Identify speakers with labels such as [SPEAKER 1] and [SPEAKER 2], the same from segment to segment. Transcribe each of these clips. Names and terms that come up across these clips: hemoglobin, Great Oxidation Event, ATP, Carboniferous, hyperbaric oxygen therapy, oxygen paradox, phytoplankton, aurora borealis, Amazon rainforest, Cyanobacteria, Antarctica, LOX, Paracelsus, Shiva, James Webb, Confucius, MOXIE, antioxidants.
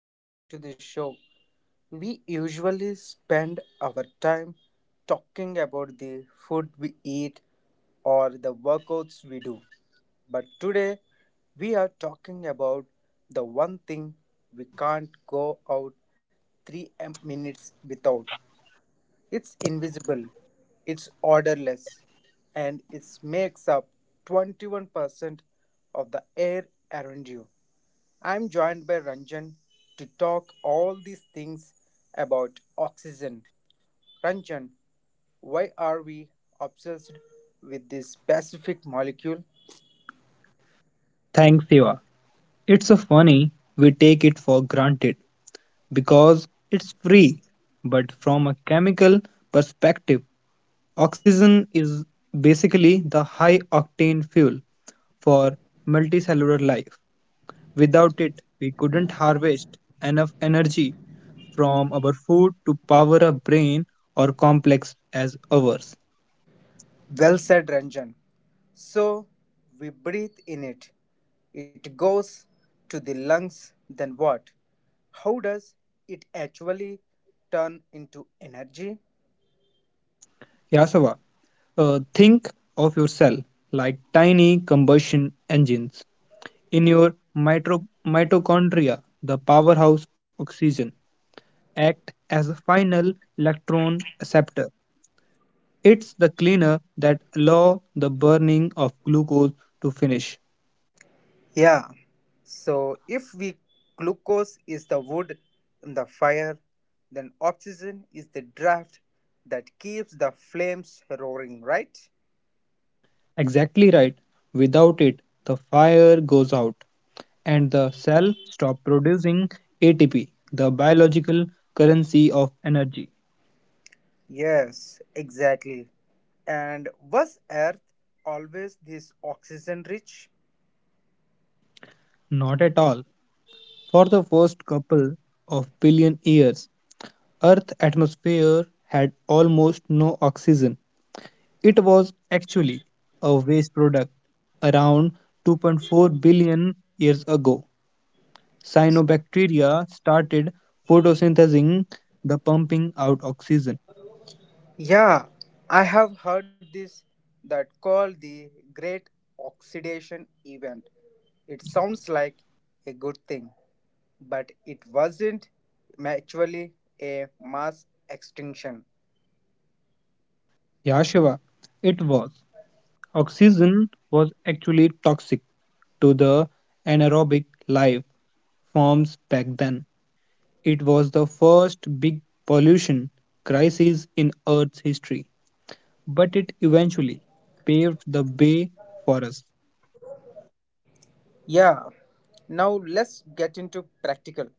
[SPEAKER 1] Welcome back to the show. We usually spend our time talking about the food we eat or the workouts we do. But today, we are talking about the one thing we can't go out 3 minutes without. It's invisible, it's odorless, and it makes up 21% of the air around you. I'm joined by Ranjan to talk all these things about oxygen. Ranjan, why are we obsessed with this specific molecule?
[SPEAKER 2] Thanks, Siva. It's so funny we take it for granted because it's free. But from a chemical perspective, oxygen is basically the high octane fuel for multicellular life. Without it, we couldn't harvest enough energy from our food to power a brain or complex as ours.
[SPEAKER 1] Well said, Ranjan. So we breathe in it. It goes to the lungs, then what? How does it actually turn into energy?
[SPEAKER 2] Yasava, think of yourself like tiny combustion engines in your mitochondria, the powerhouse oxygen, act as the final electron acceptor. It's the cleaner that allow the burning of glucose to finish.
[SPEAKER 1] Yeah. So if we glucose is the wood in the fire, then oxygen is the draft that keeps the flames roaring, right?
[SPEAKER 2] Exactly right. Without it, the fire goes out and the cell stop producing ATP, the biological currency of energy.
[SPEAKER 1] Yes, exactly. And was Earth always this oxygen rich?
[SPEAKER 2] Not at all. For the first couple of billion years, Earth's atmosphere had almost no oxygen. It was actually a waste product around 2.4 billion years ago. Cyanobacteria started photosynthesizing the pumping out oxygen.
[SPEAKER 1] Yeah, I have heard this that called the Great Oxidation Event. It sounds like a good thing, but it wasn't actually a mass extinction.
[SPEAKER 2] Yeah, Shiva, it was. Oxygen was actually toxic to the anaerobic life forms back then. It was the first big pollution crisis in Earth's history, but it eventually paved the way for us.
[SPEAKER 1] Yeah, now let's get into practical.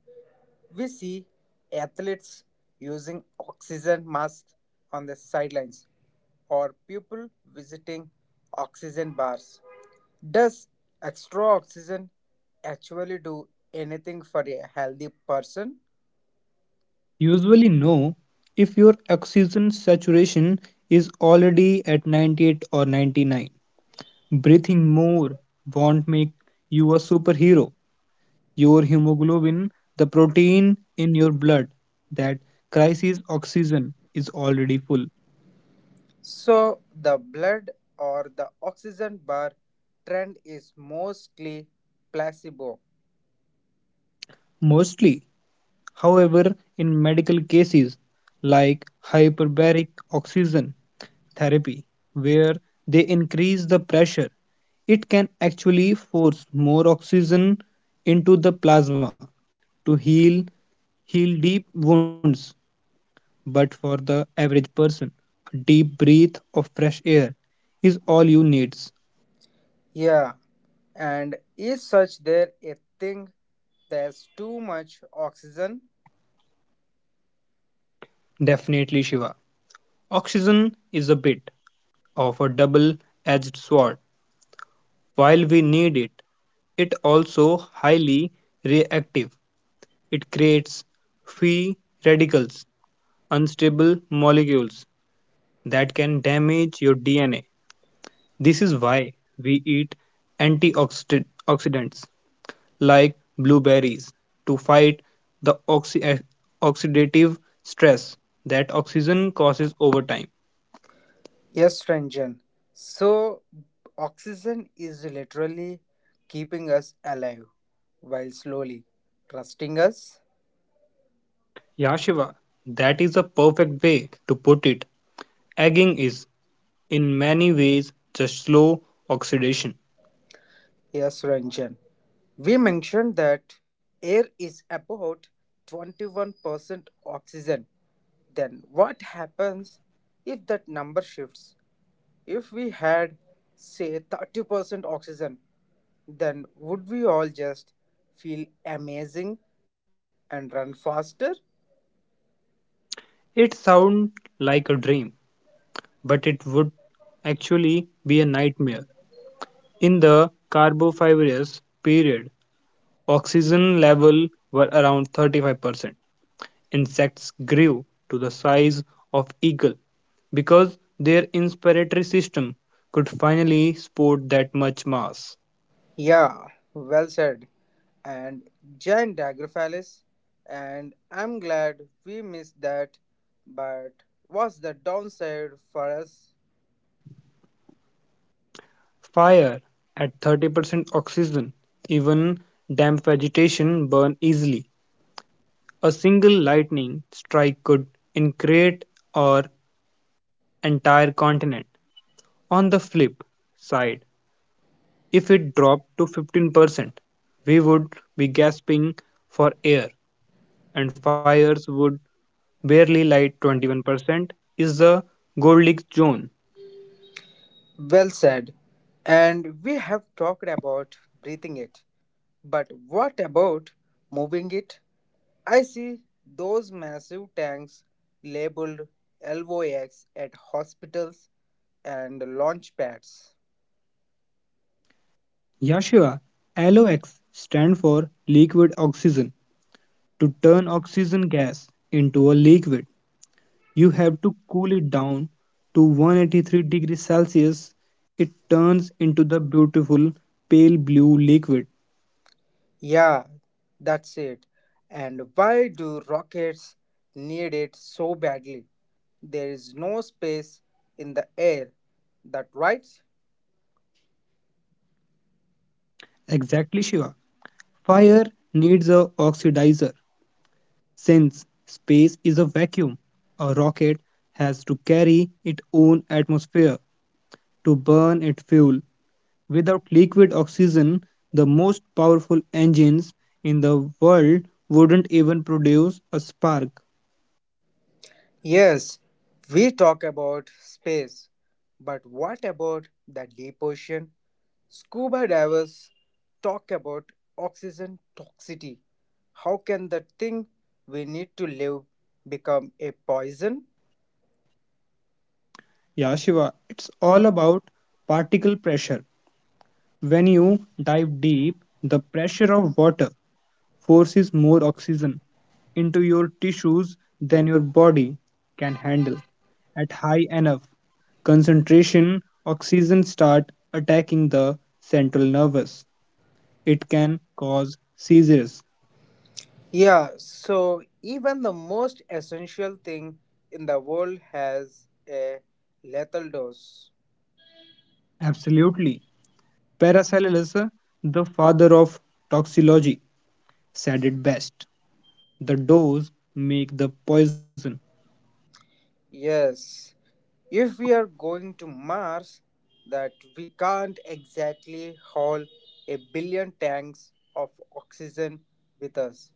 [SPEAKER 1] We see athletes using oxygen masks on the sidelines or people visiting oxygen bars. Does extra oxygen actually do anything for a healthy person?
[SPEAKER 2] Usually, know if your oxygen saturation is already at 98 or 99. Breathing more won't make you a superhero. Your hemoglobin, the protein in your blood that crisis oxygen, is already full.
[SPEAKER 1] So, the blood or the oxygen bar trend is mostly placebo.
[SPEAKER 2] Mostly, however, in medical cases like hyperbaric oxygen therapy where they increase the pressure, it can actually force more oxygen into the plasma to heal deep wounds. But for the average person, a deep breath of fresh air is all you needs.
[SPEAKER 1] Yeah, and is such there a thing there's too much oxygen?
[SPEAKER 2] Definitely, Shiva. Oxygen is a bit of a double edged sword. While we need it, it also highly reactive. It creates free radicals unstable molecules that can damage your DNA. This is why we eat antioxidants like blueberries to fight the oxidative stress that oxygen causes over time.
[SPEAKER 1] Yes, Ranjan. So, oxygen is literally keeping us alive while slowly rusting us.
[SPEAKER 2] Yeah, Shiva, that is a perfect way to put it. Egging is, in many ways, just slow oxidation.
[SPEAKER 1] Yes, Ranjan. We mentioned that air is about 21% oxygen. Then what happens if that number shifts? If we had, say, 30% oxygen, then would we all just feel amazing and run faster?
[SPEAKER 2] It sounds like a dream, but it would actually be a nightmare. In the Carboniferous period, oxygen levels were around 35%. Insects grew to the size of eagle because their inspiratory system could finally support that much mass.
[SPEAKER 1] Yeah, well said. And giant Dagraphalis, and I'm glad we missed that, but what's the downside for us?
[SPEAKER 2] Fire at 30% oxygen, even damp vegetation burn easily. A single lightning strike could incinerate or entire continent. On the flip side, if it dropped to 15%, we would be gasping for air and fires would barely light. 21% is the Goldilocks zone.
[SPEAKER 1] Well said. And we have talked about breathing it. But what about moving it? I see those massive tanks labeled LOX at hospitals and launch pads.
[SPEAKER 2] Yashiva, LOX stand for liquid oxygen. To turn oxygen gas into a liquid, you have to cool it down to 183 degrees Celsius. It turns into the beautiful pale blue liquid.
[SPEAKER 1] Yeah, that's it. And why do rockets need it so badly? There is no space in the air. That right?
[SPEAKER 2] Exactly, Shiva. Fire needs a oxidizer. Since space is a vacuum, a rocket has to carry its own atmosphere to burn its fuel. Without liquid oxygen, the most powerful engines in the world wouldn't even produce a spark.
[SPEAKER 1] Yes, we talk about space, but what about the deep ocean? Scuba divers talk about oxygen toxicity. How can the thing we need to live become a poison?
[SPEAKER 2] Yeah, Shiva, it's all about particle pressure. When you dive deep, the pressure of water forces more oxygen into your tissues than your body can handle. At high enough concentration oxygen start attacking the central nervous. It can cause seizures.
[SPEAKER 1] Yeah, so even the most essential thing in the world has a lethal dose.
[SPEAKER 2] Absolutely. Paracelsus, the father of toxicology, said it best. The dose make the poison.
[SPEAKER 1] Yes, if we are going to Mars, that we can't exactly haul a billion tanks of oxygen with us.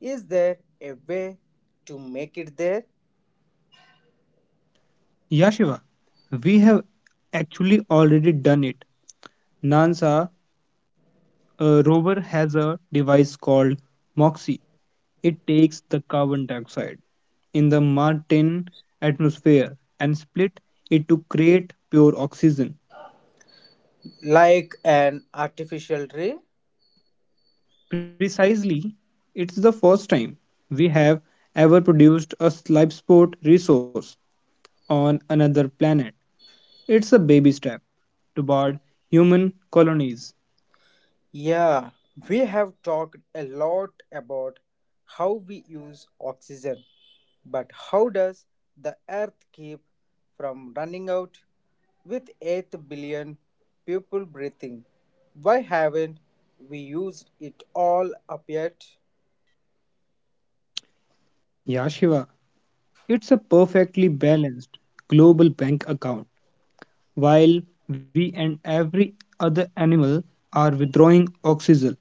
[SPEAKER 1] Is there a way to make it there?
[SPEAKER 2] Yeah, Shiva, we have actually already done it. NASA rover has a device called MOXIE. It takes the carbon dioxide in the Martian atmosphere and split it to create pure oxygen.
[SPEAKER 1] Like an artificial tree?
[SPEAKER 2] Precisely, it's the first time we have ever produced a life support resource on another planet. It's a baby step toward human colonies.
[SPEAKER 1] Yeah, we have talked a lot about how we use oxygen, but how does the earth keep from running out with 8 billion people breathing? Why haven't we used it all up yet?
[SPEAKER 2] Yeah, Shiva, it's a perfectly balanced global bank account. While we and every other animal are withdrawing oxygen,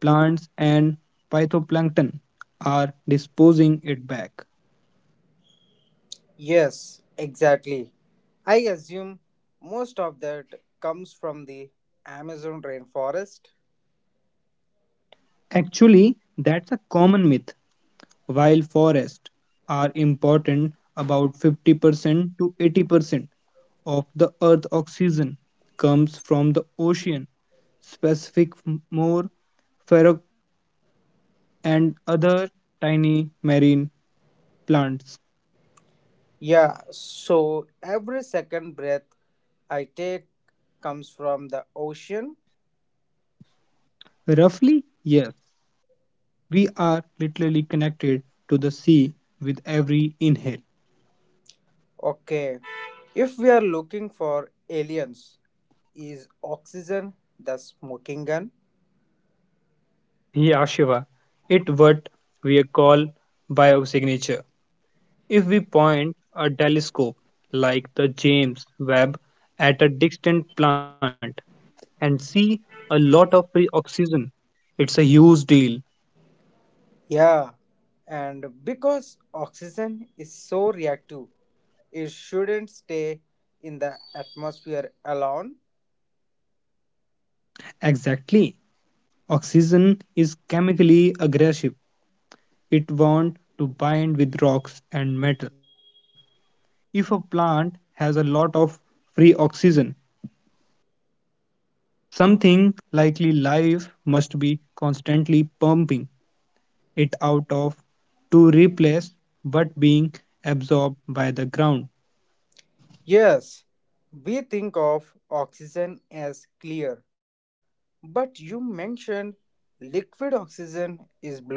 [SPEAKER 2] plants and phytoplankton are disposing it back.
[SPEAKER 1] Yes, exactly. I assume most of that comes from the Amazon rainforest.
[SPEAKER 2] Actually, that's a common myth. While forests are important, about 50% to 80% of the Earth's oxygen comes from the ocean, specific more ferro and other tiny marine plants.
[SPEAKER 1] Yeah, so every second breath I take comes from the ocean.
[SPEAKER 2] Roughly, yes, we are literally connected to the sea with every inhale.
[SPEAKER 1] Okay. If we are looking for aliens, is oxygen the smoking gun?
[SPEAKER 2] Yeah, Shiva. It what we call biosignature. If we point a telescope like the James Webb at a distant plant and see a lot of free oxygen, it's a huge deal.
[SPEAKER 1] Yeah. And because oxygen is so reactive, it shouldn't stay in the atmosphere alone.
[SPEAKER 2] Exactly. Oxygen is chemically aggressive. It wants to bind with rocks and metal. If a plant has a lot of free oxygen, something likely life must be constantly pumping it out of to replace but being absorbed by the ground.
[SPEAKER 1] Yes, we think of oxygen as clear, but you mentioned liquid oxygen is blue.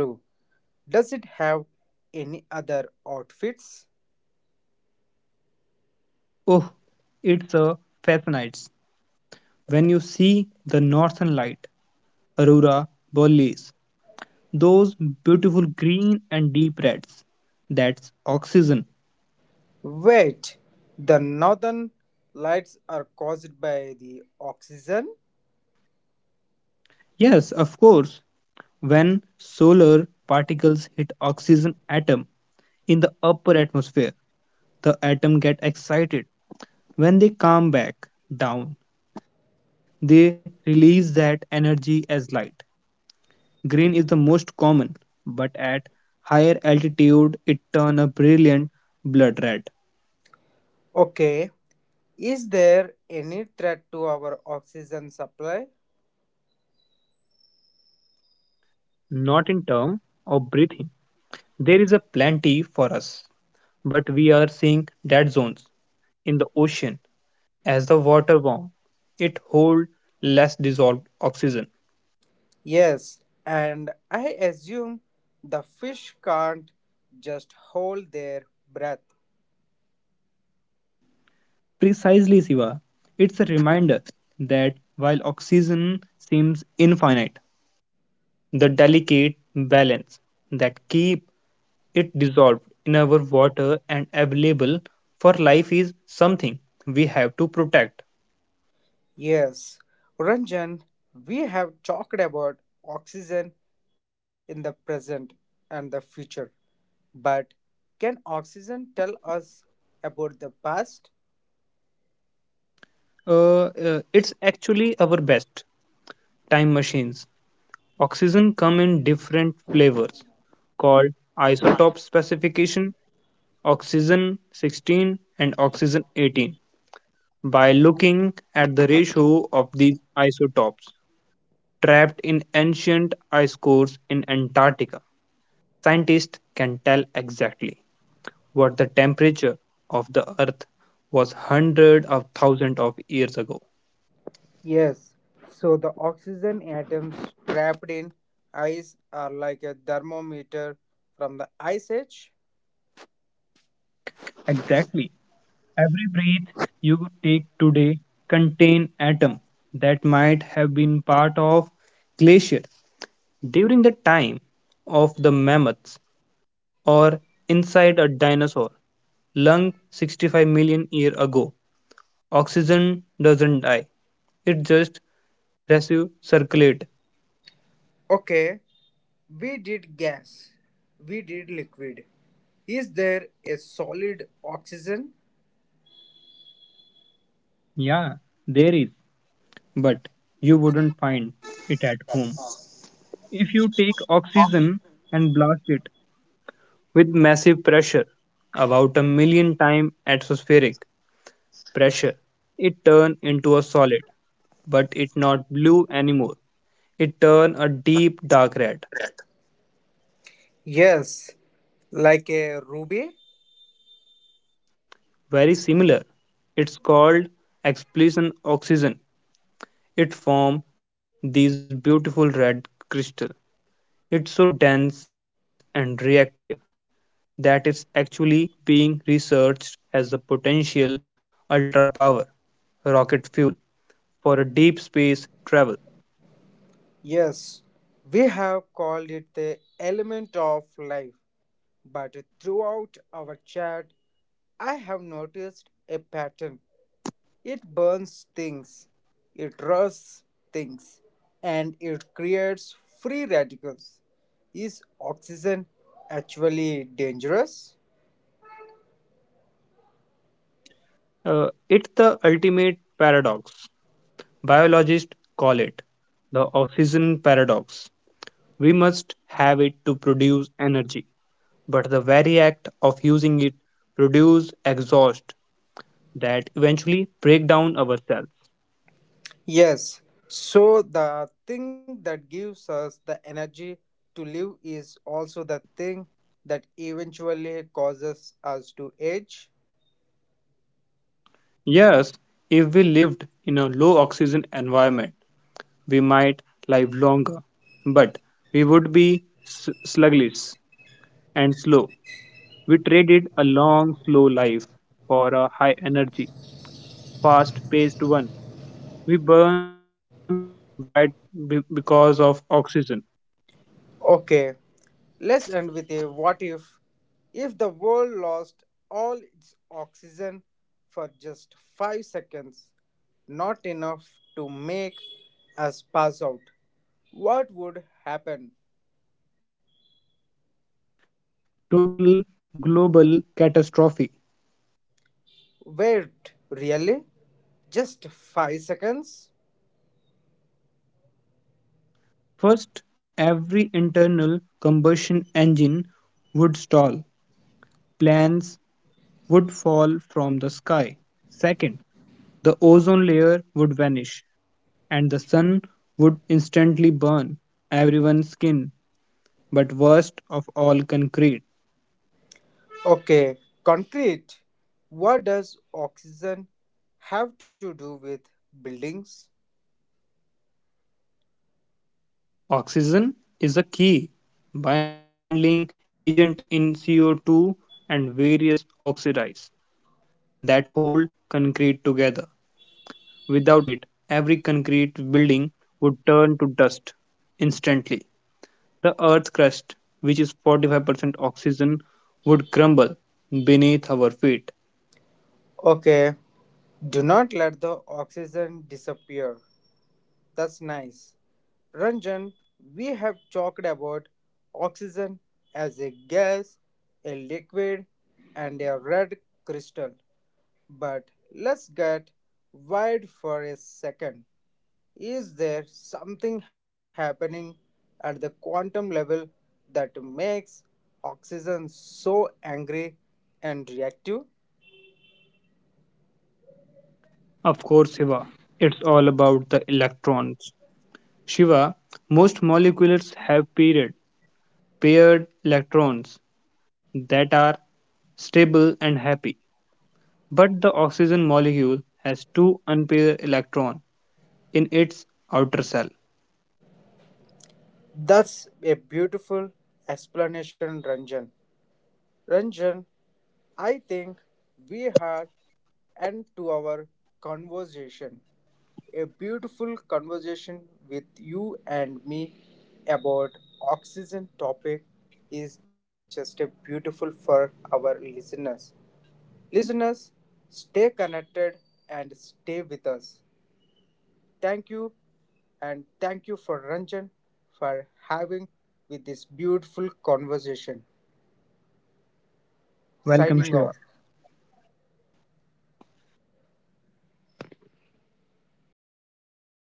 [SPEAKER 1] Does it have any other outfits?
[SPEAKER 2] Oh, it's a fascinates when you see the northern light, aurora borealis, those beautiful green and deep reds. That's oxygen.
[SPEAKER 1] Wait, the northern lights are caused by the oxygen?
[SPEAKER 2] Yes, of course, when solar particles hit oxygen atom in the upper atmosphere, the atom get excited. When they come back down, they release that energy as light. Green is the most common, but at higher altitude it turns a brilliant blood red.
[SPEAKER 1] Okay, is there any threat to our oxygen supply?
[SPEAKER 2] Not in terms of breathing. There is a plenty for us, but we are seeing dead zones in the ocean as the water warms. It holds less dissolved oxygen.
[SPEAKER 1] Yes, and I assume the fish can't just hold their breath.
[SPEAKER 2] Precisely, Siva. It's a reminder that while oxygen seems infinite, the delicate balance that keeps it dissolved in our water and available for life is something we have to protect.
[SPEAKER 1] Yes, Ranjan, we have talked about oxygen in the present and the future. But can oxygen tell us about the past?
[SPEAKER 2] It's actually our best time machines. Oxygen come in different flavors called isotope specification oxygen 16 and oxygen 18. By looking at the ratio of these isotopes trapped in ancient ice cores in Antarctica, scientists can tell exactly what the temperature of the earth was hundreds of thousands of years ago.
[SPEAKER 1] Yes, so the oxygen atoms trapped in ice are like a thermometer from the ice age.
[SPEAKER 2] Exactly. Every breath you take today contain atom that might have been part of glaciers during the time of the mammoths or inside a dinosaur lung 65 million years ago. Oxygen doesn't die. It just recirculate.
[SPEAKER 1] Okay, we did gas, we did liquid. Is there a solid oxygen?
[SPEAKER 2] Yeah, there is, but you wouldn't find it at home. If you take oxygen and blast it with massive pressure, about a million times atmospheric pressure, it turns into a solid, but it not blue anymore. It turns a deep dark red,
[SPEAKER 1] Yes, like a ruby.
[SPEAKER 2] very similar. It's called explosion oxygen. It forms these beautiful red crystal. It's so dense and reactive that is actually being researched as a potential ultra-power rocket fuel for a deep space travel.
[SPEAKER 1] Yes, we have called it the element of life. But throughout our chat, I have noticed a pattern. It burns things, it rusts things, and it creates free radicals. Is oxygen actually dangerous?
[SPEAKER 2] It's the ultimate paradox. Biologists call it the oxygen paradox. We must have it to produce energy, but the very act of using it produces exhaust that eventually break down our cells.
[SPEAKER 1] Yes. So, the thing that gives us the energy to live is also the thing that eventually causes us to age.
[SPEAKER 2] Yes, if we lived in a low oxygen environment, we might live longer, but we would be sluggish and slow. We traded a long, slow life for a high energy, fast paced one. We burn bright because of oxygen.
[SPEAKER 1] Okay, let's end with a what if. If the world lost all its oxygen for just 5 seconds, not enough to make us pass out, what would happen?
[SPEAKER 2] Total global catastrophe.
[SPEAKER 1] Wait, really? Just 5 seconds?
[SPEAKER 2] First, every internal combustion engine would stall, planes would fall from the sky. Second, the ozone layer would vanish, and the sun would instantly burn everyone's skin, but worst of all, concrete.
[SPEAKER 1] Okay, concrete. What does oxygen have to do with buildings?
[SPEAKER 2] Oxygen is a key binding agent in CO2 and various oxides that hold concrete together. Without it, every concrete building would turn to dust instantly. The Earth's crust, which is 45% oxygen, would crumble beneath our feet.
[SPEAKER 1] Okay, do not let the oxygen disappear. That's nice. Ranjan, we have talked about oxygen as a gas, a liquid, and a red crystal. But let's get wide for a second. Is there something happening at the quantum level that makes oxygen so angry and reactive?
[SPEAKER 2] Of course, Shiva. It's all about the electrons. Shiva, most molecules have paired electrons that are stable and happy. But the oxygen molecule has two unpaired electrons in its outer shell.
[SPEAKER 1] That's a beautiful explanation, Ranjan. Ranjan, I think we had end to our conversation. A beautiful conversation with you and me about oxygen topic is just a beautiful for our listeners. Listeners, stay connected and stay with us. Thank you and thank you for Ranjan for having with this beautiful conversation. Signing off.
[SPEAKER 2] Welcome, Shiva.